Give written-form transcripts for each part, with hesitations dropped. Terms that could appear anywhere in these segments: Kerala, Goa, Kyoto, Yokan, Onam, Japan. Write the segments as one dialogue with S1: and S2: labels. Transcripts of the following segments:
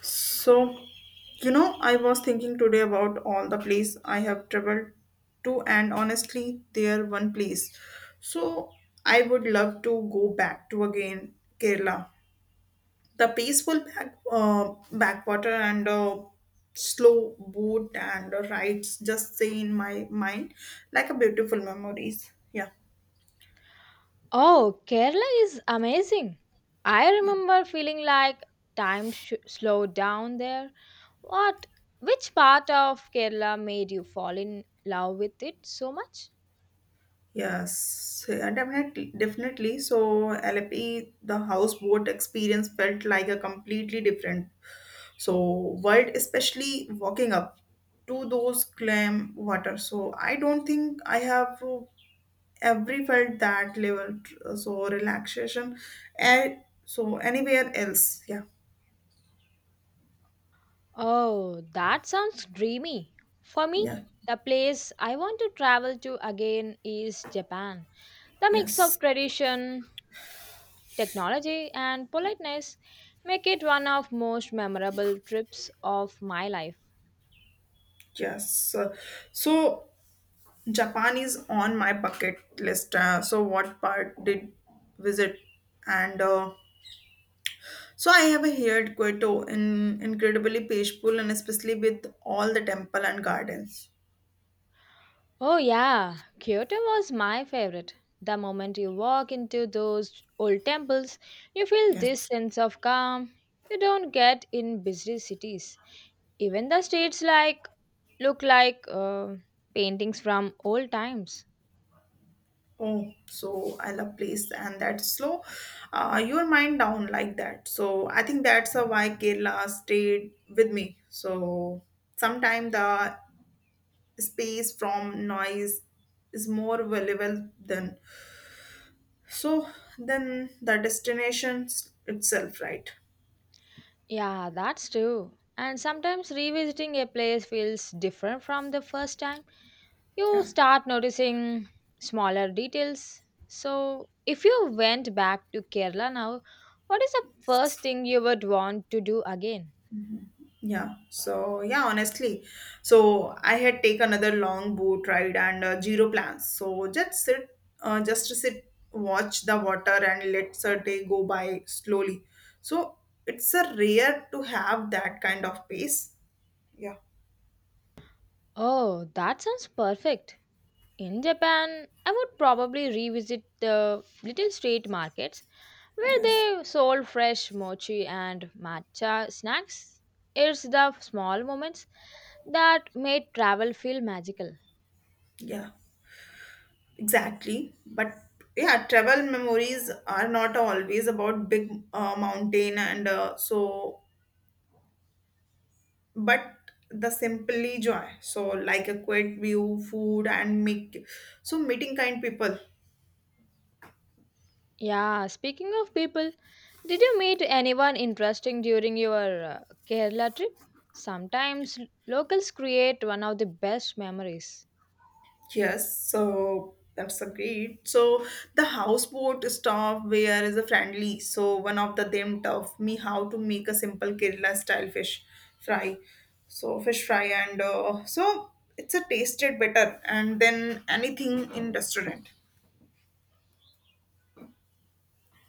S1: So, I was thinking today about all the place I have traveled to, and honestly, there one place. So, I would love to go back to again Kerala. The peaceful backwater and slow boat and rides just stay in my mind like a beautiful memories. Yeah,
S2: Oh, Kerala is amazing. I
S1: yeah.
S2: remember feeling like time slowed down there. What? Which part of Kerala made you fall in love with it so much?
S1: Yes, yeah, definitely, definitely. So LP, the houseboat experience felt like a completely different world, especially walking up to those clam water. So I don't think I have ever felt that level. So relaxation, and anywhere else, yeah,
S2: Oh, that sounds dreamy. For me,
S1: yeah,
S2: the place I want to travel to again is Japan. The mix
S1: yes,
S2: of tradition, technology, and politeness make it one of most memorable trips of my life.
S1: yes. So. Japan is on my bucket list. What part did visit? And I have heard Kyoto in incredibly peaceful and especially with all the temple and gardens.
S2: Oh, yeah, Kyoto was my favorite. The moment you walk into those old temples, you feel this
S1: Yes.
S2: sense of calm you don't get in busy cities. Even the streets like look like paintings from old times.
S1: Oh, so I love place and that slow. Your mind down like that. So I think that's why Kerala stayed with me. So sometimes the space from noise is more valuable than so then the destination itself, right?
S2: Yeah, that's true. And sometimes revisiting a place feels different from the first time. You
S1: Yeah,
S2: start noticing smaller details. So, if you went back to Kerala now, what is the first thing you would want to do again?
S1: yeah. So yeah, honestly, I had taken another long boat ride and zero plans, so just to sit, watch the water and let the day go by slowly. So it's a rare to have that kind of pace. Yeah,
S2: Oh, that sounds perfect. In Japan, I would probably revisit the little street markets where
S1: yes,
S2: they sold fresh mochi and matcha snacks. It's the small moments that made travel feel magical.
S1: yeah, exactly. But yeah, travel memories are not always about big mountain and but the simply joy, like a quiet view, food, and make meeting kind people.
S2: Yeah, speaking of people, did you meet anyone interesting during your Kerala trip? Sometimes locals create one of the best memories.
S1: Yes, so that's a great. So the houseboat staff where is a friendly, so one of them taught me how to make a simple Kerala style fish fry. And it's a tasted better and then anything in restaurant.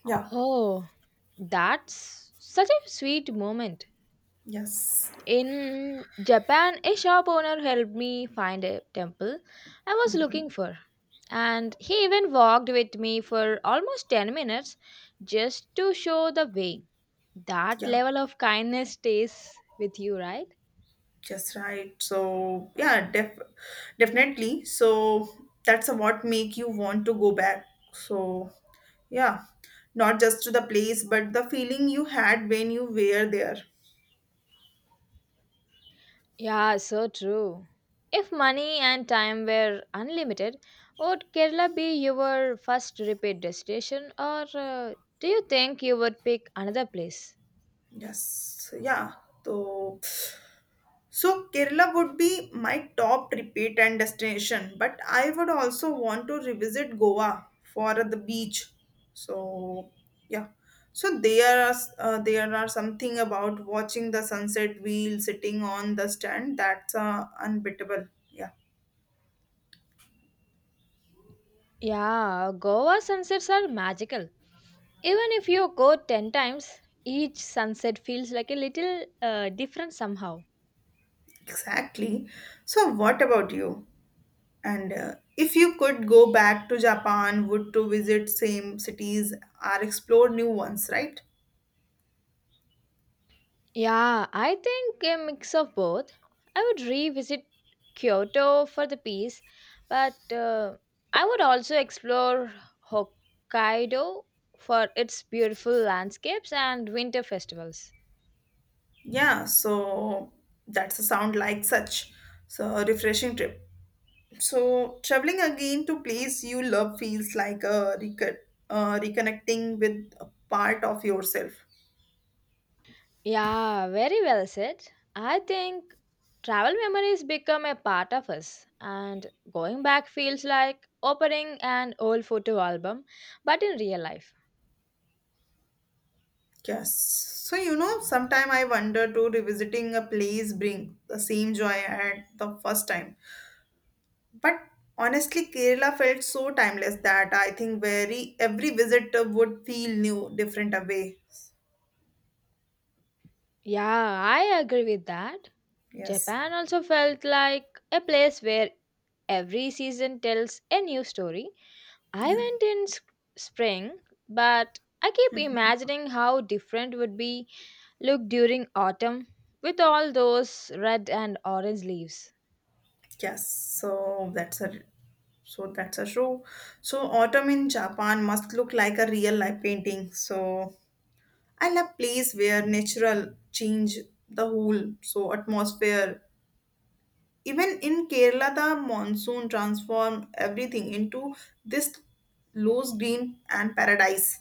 S1: Yeah,
S2: Oh, that's such a sweet moment.
S1: yes.
S2: In Japan, a shop owner helped me find a temple I was looking
S1: Mhm.
S2: for. And he even walked with me for almost 10 minutes just to show the way. That
S1: Yeah.
S2: level of kindness stays with you, right?
S1: Just right. So yeah, definitely. So that's what make you want to go back. So yeah, not just to the place, but the feeling you had when you were there.
S2: Yeah, so true. If money and time were unlimited, would Kerala be your first repeat destination, or do you think you would pick another place?
S1: Yes. Yeah. So So Kerala would be my top repeat and destination, but I would also want to revisit Goa for the beach. So yeah, so there are something about watching the sunset wheel sitting on the stand that's unbeatable. Yeah,
S2: Yeah, Goa sunsets are magical. Even if you go 10 times, each sunset feels like a little different somehow.
S1: exactly. So what about you? And if you could go back to Japan, would to visit same cities or explore new ones, right?
S2: Yeah, I think a mix of both. I would revisit Kyoto for the peace, but I would also explore Hokkaido for its beautiful landscapes and winter festivals.
S1: Yeah, so that's a sound like such a refreshing trip. So traveling again to place you love feels like a reconnecting with a part of yourself.
S2: Yeah, very well said. I think travel memories become a part of us, and going back feels like opening an old photo album, but in real life.
S1: Yes. So sometime I wonder too, revisiting a place bring the same joy at the first time. But honestly, Kerala felt so timeless that I think very every visitor would feel new, different away.
S2: Yeah, I agree with that.
S1: Yes.
S2: Japan also felt like a place where every season tells a new story. I
S1: Yeah.
S2: went in spring, but I keep imagining how different would be look during autumn with all those red and orange leaves.
S1: Yes, so that's a show. So autumn in Japan must look like a real life painting. So I love place where natural change the whole atmosphere. Even in Kerala, the monsoon transform everything into this loose green and paradise.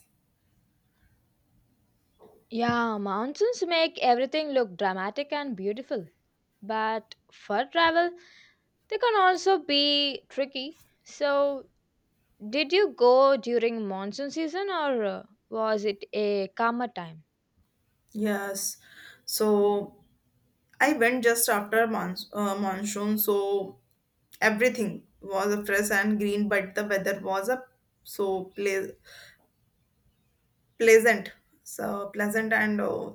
S2: Yeah, mountains make everything look dramatic and beautiful. But for travel, they can also be tricky. So, did you go during monsoon season, or was it a calmer time?
S1: Yes. So I went just after monsoon, so everything was fresh and green, but the weather was a so ple- pleasant, pleasant and uh,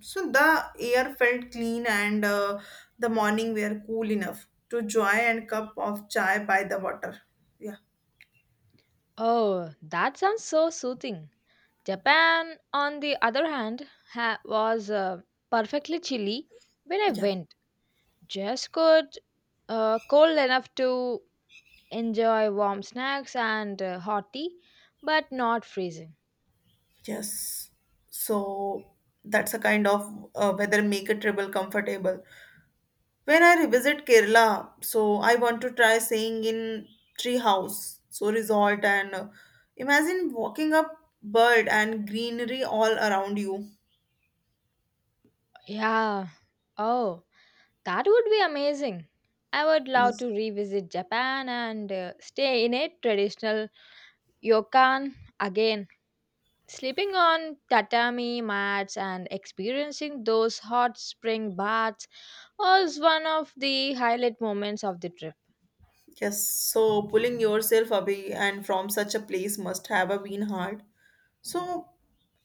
S1: so the air felt clean and the morning were cool enough to enjoy and cup of chai by the water. Yeah.
S2: Oh, that sounds so soothing. Japan, on the other hand, was perfectly chilly when I
S1: Yeah,
S2: went. Just good, cold enough to enjoy warm snacks and hot tea, but not freezing.
S1: yes. So that's a kind of weather make a travel comfortable. When I revisit Kerala, so I want to try staying in tree house, so resort and imagine walking up bird and greenery all around you.
S2: Yeah. Oh, that would be amazing. I would love
S1: Yes.
S2: to revisit Japan and stay in a traditional Yokan, again, sleeping on tatami mats and experiencing those hot spring baths was one of the highlight moments of the trip.
S1: Yes. So pulling yourself away and from such a place must have a been hard. So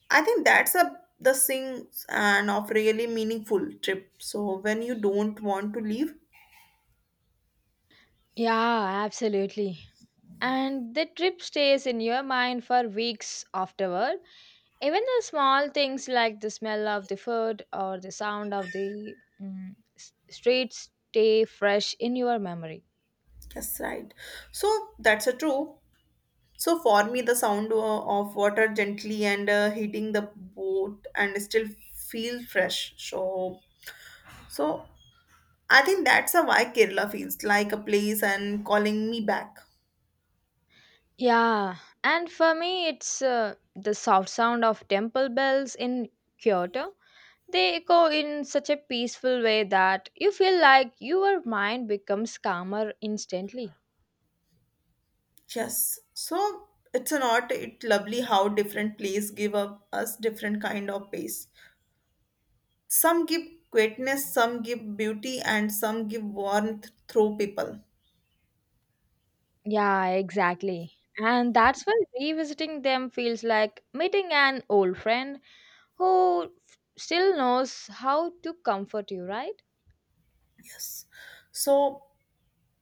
S1: I think that's a the things and of really meaningful trip. So when you don't want to leave,
S2: Yeah, absolutely. And the trip stays in your mind for weeks afterward. Even the small things like the smell of the food or the sound of the streets stay fresh in your memory.
S1: yes, right. So that's a true. So for me, the sound of water gently and hitting the boat and still feel fresh. So I think that's a why Kerala feels like a place and calling me back.
S2: Yeah, and for me, it's the soft sound of temple bells in Kyoto. They echo in such a peaceful way that you feel like your mind becomes calmer instantly.
S1: Yes. So it's not it lovely how different places give up us different kind of pace. Some give quietness, some give beauty, and some give warmth through people.
S2: Yeah, exactly. And that's why revisiting them feels like meeting an old friend who still knows how to comfort you, right?
S1: Yes. So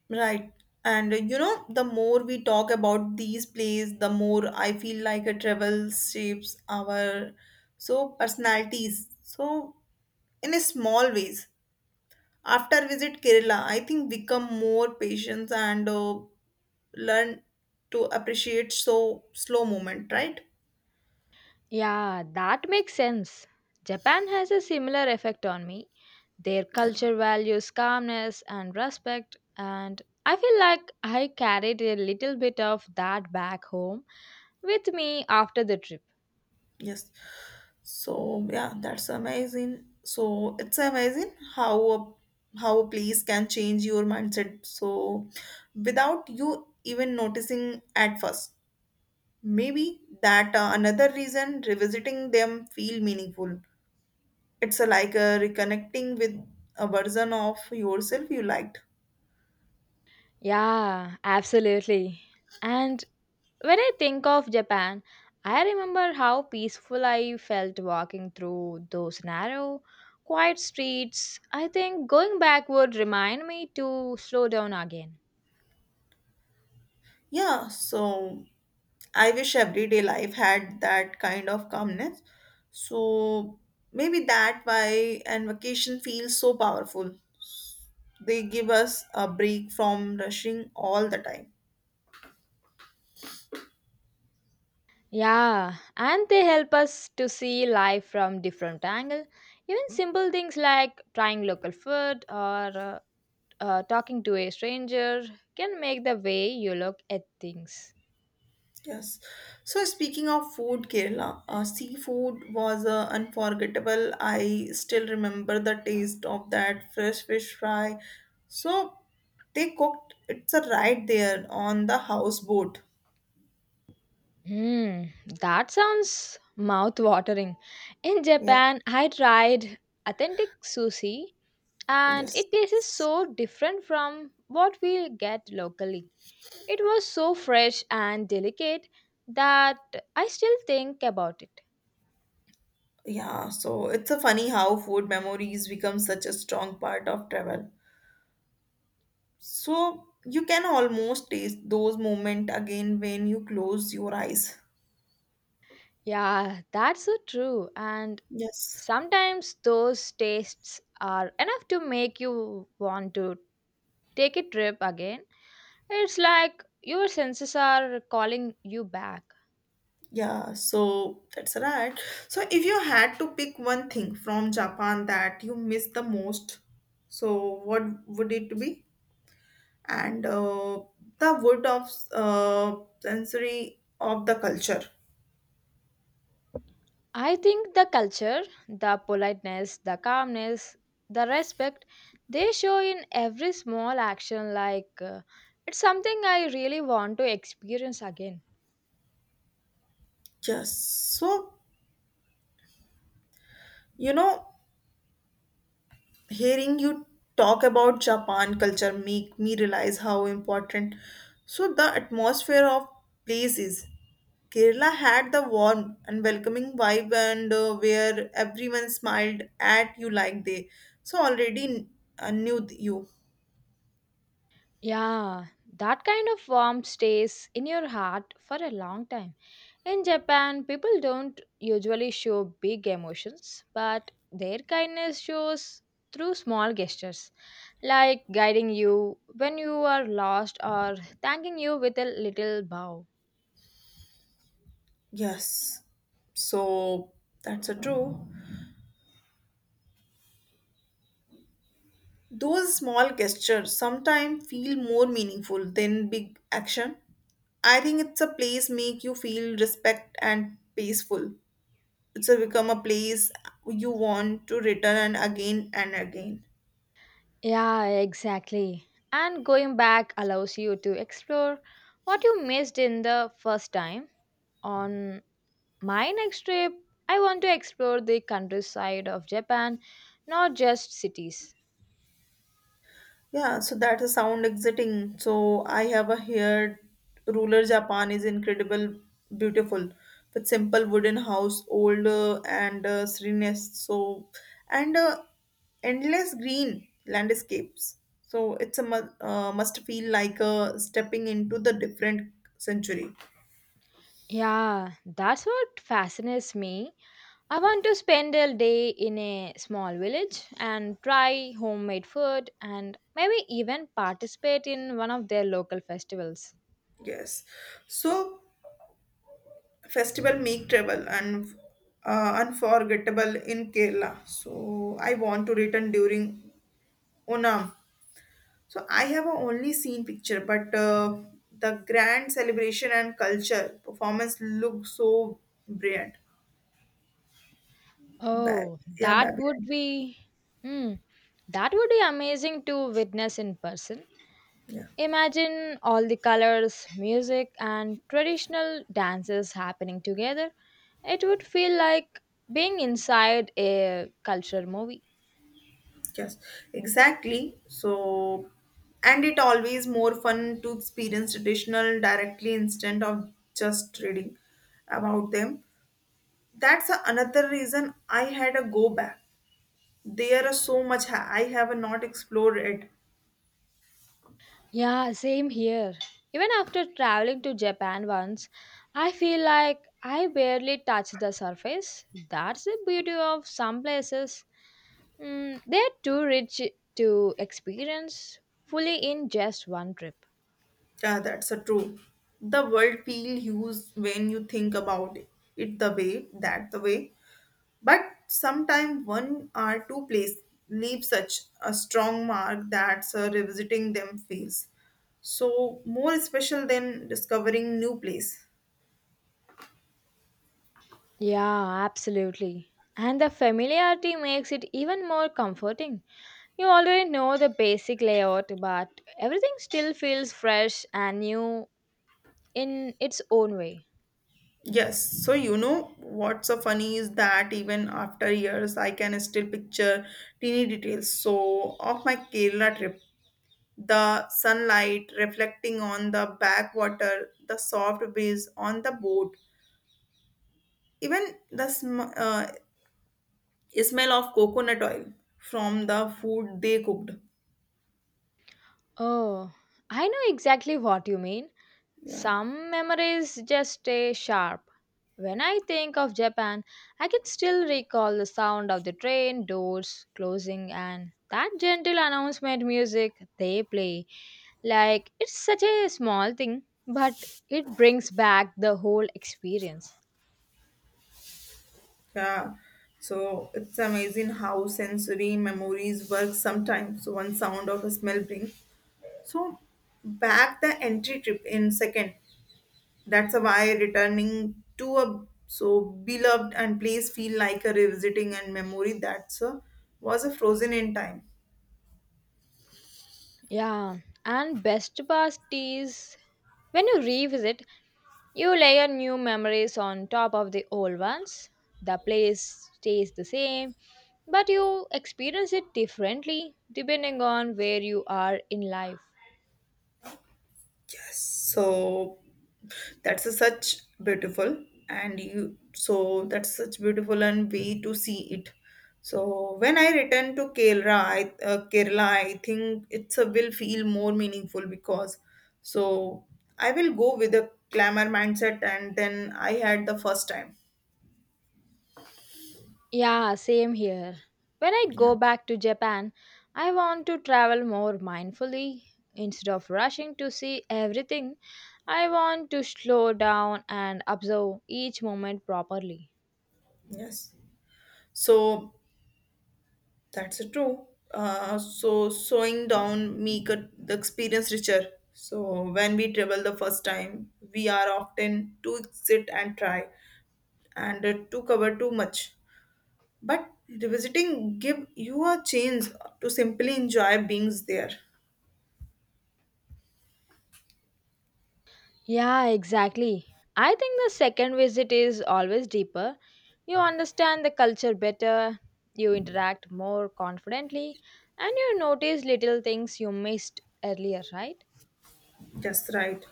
S1: right. The more we talk about these plays, the more I feel like a travel shapes our personalities. So in a small ways. After visit Kerala, I think become more patient and learn to appreciate slow moment, right?
S2: Yeah, that makes sense. Japan has a similar effect on me. Their culture values calmness and respect, and I feel like I carried a little bit of that back home with me after the trip.
S1: Yes. So yeah, that's amazing. So it's amazing how a place can change your mindset. So without you even noticing at first, maybe that another reason revisiting them feel meaningful. It's like reconnecting with a version of yourself you liked.
S2: Yeah, absolutely. And when I think of Japan, I remember how peaceful I felt walking through those narrow, quiet streets. I think going back would remind me to slow down again.
S1: Yeah, so I wish everyday life had that kind of calmness. So maybe that why and vacation feels so powerful. They give us a break from rushing all the time.
S2: Yeah, and they help us to see life from different angle. Even simple things like trying local food or talking to a stranger can make the way you look at things.
S1: Yes. So speaking of food, Kerala, seafood was unforgettable. I still remember the taste of that fresh fish fry. So they cooked it's a right there on the houseboat.
S2: Hmm, that sounds mouth-watering. In
S1: Yeah.
S2: Japan, I tried authentic sushi and
S1: Yes.
S2: it tastes so different from what we get locally. It was so fresh and delicate that I still think about it.
S1: Yeah, so it's a funny how food memories become such a strong part of travel. So you can almost taste those moments again when you close your eyes.
S2: Yeah, that's so true. And
S1: Yes.
S2: sometimes those tastes are enough to make you want to take a trip again. It's like your senses are calling you back.
S1: Yeah, so that's right. So if you had to pick one thing from Japan that you miss the most, so what would it be? And the wood of sensory of the culture.
S2: I think the culture, the politeness, the calmness, the respect they show in every small action like it's something I really want to experience again.
S1: Yes. So, you know, hearing you talk about Japan culture make me realize how important the atmosphere of place is. Kerala had the warm and welcoming vibe and where everyone smiled at you like they already knew you.
S2: Yeah, that kind of warmth stays in your heart for a long time. In Japan, people don't usually show big emotions, but their kindness shows through small gestures, like guiding you when you are lost or thanking you with a little bow.
S1: Yes. So that's a true. Those small gestures sometimes feel more meaningful than big action. I think it's a place make you feel respect and peaceful. It's a become a place you want to return and again and again.
S2: Yeah, exactly. And going back allows you to explore what you missed in the first time. On My next trip, I want to explore the countryside of Japan, not just cities.
S1: Yeah, so that's a sound exiting. So I have a here ruler Japan is incredible beautiful with simple wooden house old and endless green landscapes. So it's a must feel like stepping into the different century.
S2: Yeah, that's what fascinates me. I want to spend a day in a small village and try homemade food and maybe even participate in one of their local festivals.
S1: Yes, so festival make travel and unforgettable in Kerala. So I want to return during Onam. So I have only seen picture, but the grand celebration and culture performance look so brilliant. Ba-
S2: Oh,
S1: yeah,
S2: that would
S1: brilliant.
S2: be. Hmm, that would be amazing to witness in person.
S1: Yeah,
S2: Imagine all the colors, music, and traditional dances happening together. It would feel like being inside a culture movie.
S1: yes, exactly. So, and it always more fun to experience traditional directly instead of just reading about them. Another reason I had a go back. There are so much I have not explored it.
S2: Yeah, same here. Even after traveling to Japan once, I feel like I barely touched the surface. That's the beauty of some places. Mm, they're too rich to experience fully in just one trip.
S1: Yeah, that's a true. The world feel huge when you think about it, it the way, but sometimes one or two places leave such a strong mark that revisiting them feels more special than discovering new place.
S2: Yeah, absolutely. And the familiarity makes it even more comforting. You already know the basic layout, but everything still feels fresh and new in its own way.
S1: Yes, so you know what's so funny is that even after years, I can still picture teeny details. So, of my Kerala trip, the sunlight reflecting on the backwater, the soft breeze on the boat, even the smell of coconut oil from the food they cooked.
S2: Oh, I know exactly what you mean.
S1: Yeah,
S2: Some memories just stay sharp. When I think of Japan, I can still recall the sound of the train doors closing and that gentle announcement music they play. Like, it's such a small thing, but it brings back the whole experience.
S1: yeah. So, it's amazing how sensory memories work sometimes. So, one sound of a smell brings So back the entry trip in second. That's why returning to a beloved and place feel like a revisiting and memory was a frozen in time.
S2: Yeah, and best part is when you revisit, you layer new memories on top of the old ones. The place stays the same but you experience it differently depending on where you are in life.
S1: so so that's such beautiful and way to see it. So when I return to Kerala, I think it's a, will feel more meaningful because so I will go with a glamour mindset and then I had the first time.
S2: Yeah, same here. When I
S1: Yeah,
S2: go back to Japan, I want to travel more mindfully. Instead of rushing to see everything, I want to slow down and observe each moment properly.
S1: yes. So that's true. So slowing down make the experience richer. So when we travel the first time, we are often too sit and try and to cover too much. But revisiting give you a chance to simply enjoy beings there.
S2: Yeah, exactly. I think the second visit is always deeper. You understand the culture better, you interact more confidently, and you notice little things you missed earlier, right?
S1: That's right.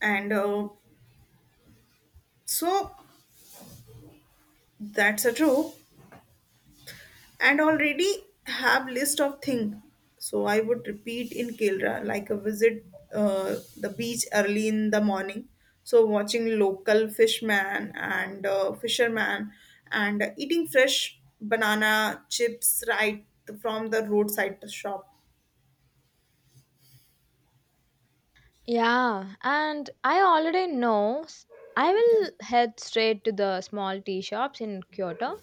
S1: And so that's a true. And already have list of things, so I would repeat in Kilra like a visit the beach early in the morning, so watching local fishman and fisherman and eating fresh banana chips right from the roadside shop.
S2: Yeah, and I already know I
S1: Yes,
S2: will head straight to the small tea shops in Kyoto.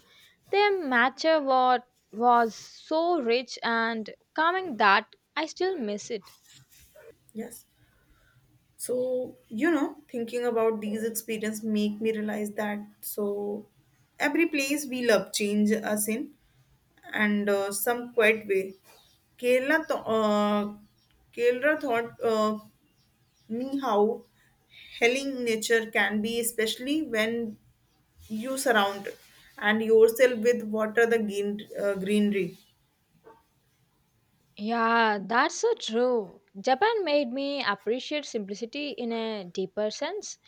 S2: Their matcha was so rich and calming that I still miss it.
S1: yes. So thinking about these experiences make me realize that every place we love change us in and some quiet way. Kerala th- uh, kerala taught me how healing nature can be, especially when you surround and yourself with what are the greenery.
S2: Yeah, that's so true. Japan made me appreciate simplicity in a deeper sense.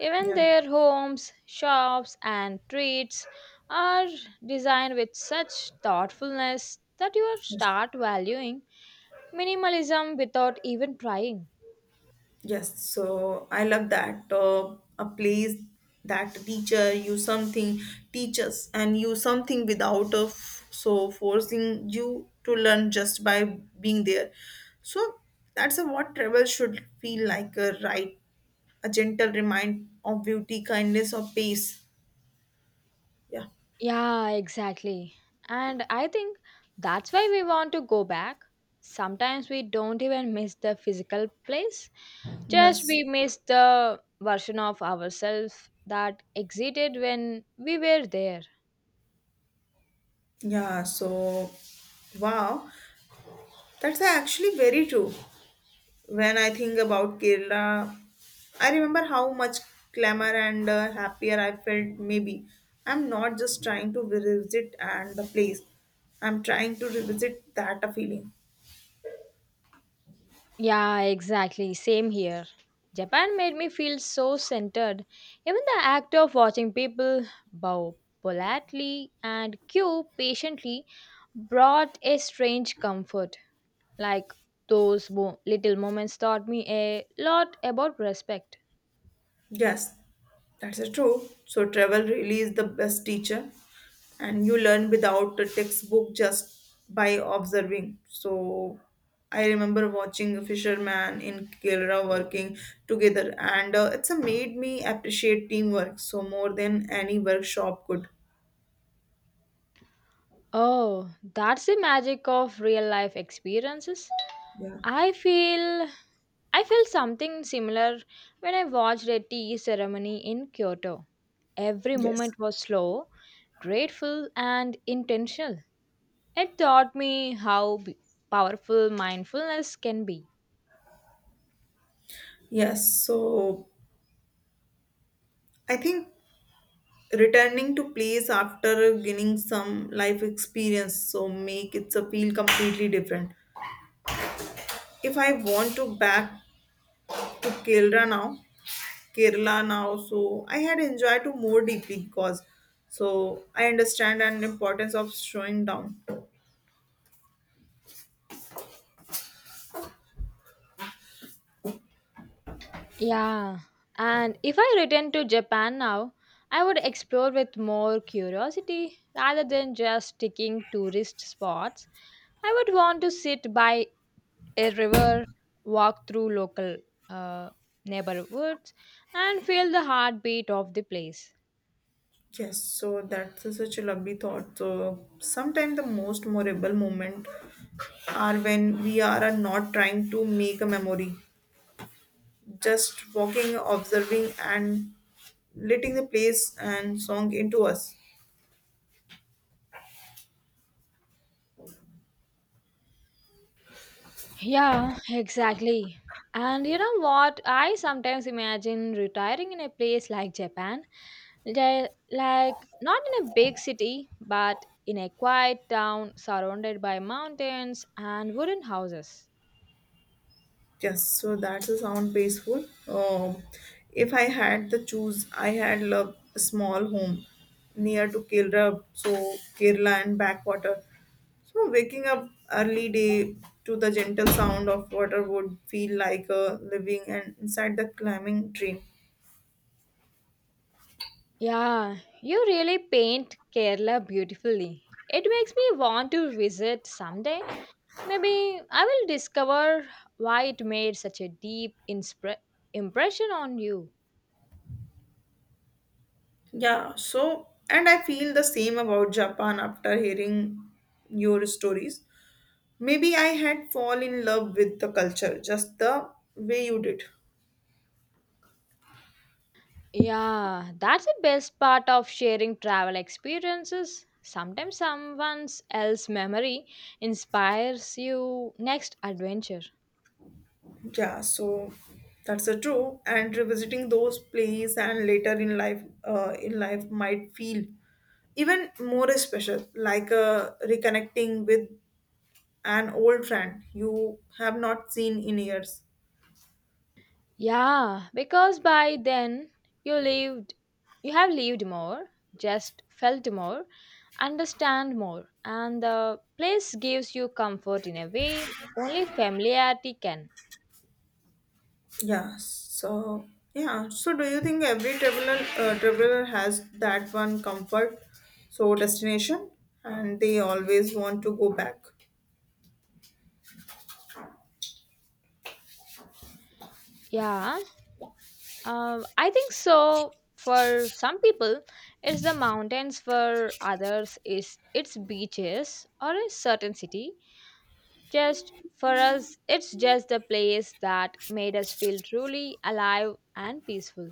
S2: Even
S1: Yeah,
S2: their homes, shops, and streets are designed with such thoughtfulness that you
S1: yes.
S2: start valuing minimalism without even trying.
S1: Yes, so I love that a place that teacher you something teaches and you something without of forcing you to learn just by being there. So what travel should feel like, right? A gentle remind of beauty, kindness, or peace. Yeah.
S2: Yeah, exactly. And I think that's why we want to go back. Sometimes we don't even miss the physical place, just
S1: Yes.
S2: we miss the version of ourselves that existed when we were there.
S1: Yeah. So, wow, that's actually very true. When I think about Kerala, I remember how much clamor and happier I felt. Maybe I'm not just trying to revisit and the place. I'm trying to revisit that feeling.
S2: Yeah, exactly. Same here. Japan made me feel so centered. Even the act of watching people bow politely and queue patiently brought a strange comfort. Like those little moments taught me a lot about respect.
S1: Yes, that's a true. So travel really is the best teacher, and you learn without a textbook just by observing. So I remember watching a fisherman in Kerala working together, and it's a made me appreciate teamwork more than any workshop could.
S2: Oh, that's the magic of real life experiences.
S1: Yeah.
S2: I feel I feel something similar when I watched a tea ceremony in Kyoto. Every
S1: Yes.
S2: moment was slow, grateful and intentional. It taught me how powerful mindfulness can be.
S1: Yes. So I think returning to place after gaining some life experience make it a feel completely different. If I want to back to Kerala now, so I had enjoyed to more deeply because I understand an importance of slowing down.
S2: Yeah, and if I return to Japan now, I would explore with more curiosity rather than just ticking tourist spots. I would want to sit by a river, walked through local uh, neighborhoods, and feel the heartbeat of the place.
S1: Yes, so that's such a lovely thought. So sometimes the most memorable moment are when we are not trying to make a memory, just walking, observing, and letting the place and song into us.
S2: Yeah, exactly. And you know what? I sometimes imagine retiring in a place like Japan, like not in a big city, but in a quiet town surrounded by mountains and wooden houses.
S1: Yes, so that's a sound peaceful. If I had the choose, I had loved a small home near to Kerala, so Kerala and backwater. So waking up early day to the gentle sound of water would feel like a living and inside the climbing dream.
S2: Yeah, you really paint Kerala beautifully. It makes me want to visit someday. Maybe I will discover why it made such a deep impression on you.
S1: Yeah, and I feel the same about Japan after hearing your stories. Maybe I had fall in love with the culture just the way you did.
S2: Yeah, that's the best part of sharing travel experiences. Sometimes someone else's memory inspires you next adventure.
S1: Yeah, so that's a true. And revisiting those plays and later in life might feel even more special, like reconnecting with an old friend you have not seen in years.
S2: Yeah, because by then you lived you have lived more, just felt more, understand more, and the place gives you comfort in a way only familiarity can.
S1: Yeah. So yeah. So do you think every traveler has that one comfort, so destination, and they always want to go back.
S2: Yeah, um, I think so. For some people, it's the mountains. For others, is it's beaches or a certain city. Just for us, it's just the place that made us feel truly alive and peaceful.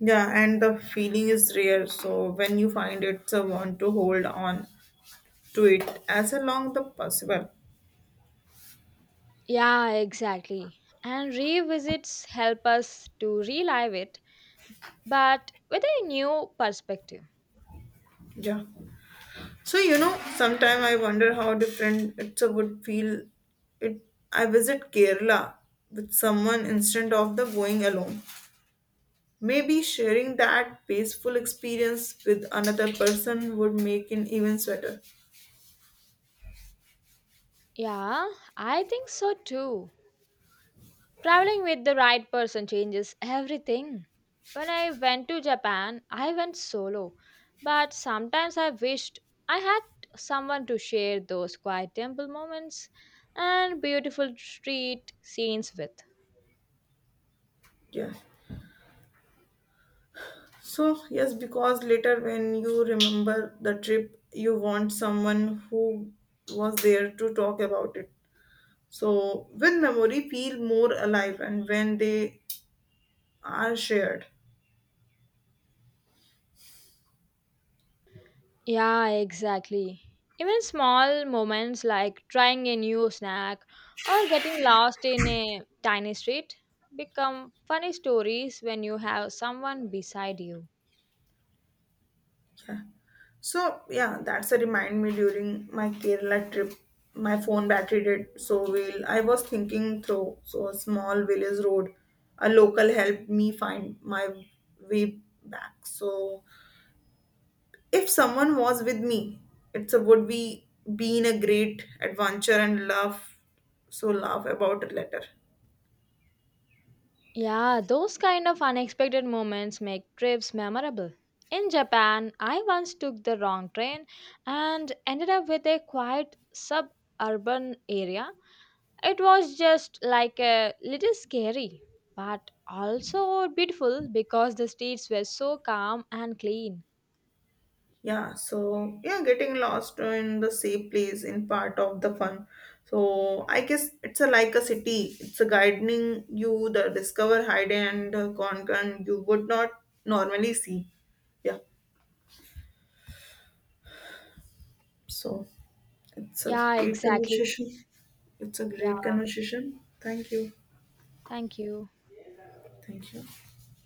S1: Yeah, and the feeling is rare. So when you find it, so want to hold on to it as long the possible.
S2: Yeah, exactly. And revisits help us to relive it, but with a new perspective.
S1: Yeah. So sometime I wonder how different it would feel. It I visit Kerala with someone instead of the going alone. Maybe sharing that peaceful experience with another person would make it even sweeter.
S2: Yeah, I think so too. Traveling with the right person changes everything. When I went to Japan, I went solo, but sometimes I wished I had someone to share those quiet temple moments and beautiful street scenes with.
S1: Yeah. So, yes, because later when you remember the trip, you want someone who was there to talk about it. So, when memory feel more alive and when they are shared.
S2: Yeah, exactly. Even small moments like trying a new snack or getting lost in a tiny street become funny stories when you have someone beside you.
S1: So yeah, that's a remind me during my Kerala trip. My phone battery did so well. I was thinking through a small village road. A local helped me find my way back. So if someone was with me, it's a would be been a great adventure and love laugh about it later.
S2: Yeah, those kind of unexpected moments make trips memorable. In Japan, I once took the wrong train and ended up with a quiet suburban area. It was just like a little scary, but also beautiful because the streets were so calm and clean.
S1: Yeah, so yeah, getting lost in the same place in part of the fun. So I guess it's a like a city. It's a guiding you the discover, hide and conquer you would not normally see. Yeah, so it's a
S2: Yeah,
S1: great
S2: exactly.
S1: conversation. It's a
S2: Yeah,
S1: great conversation. Thank you.
S2: thank you.
S1: Thank you.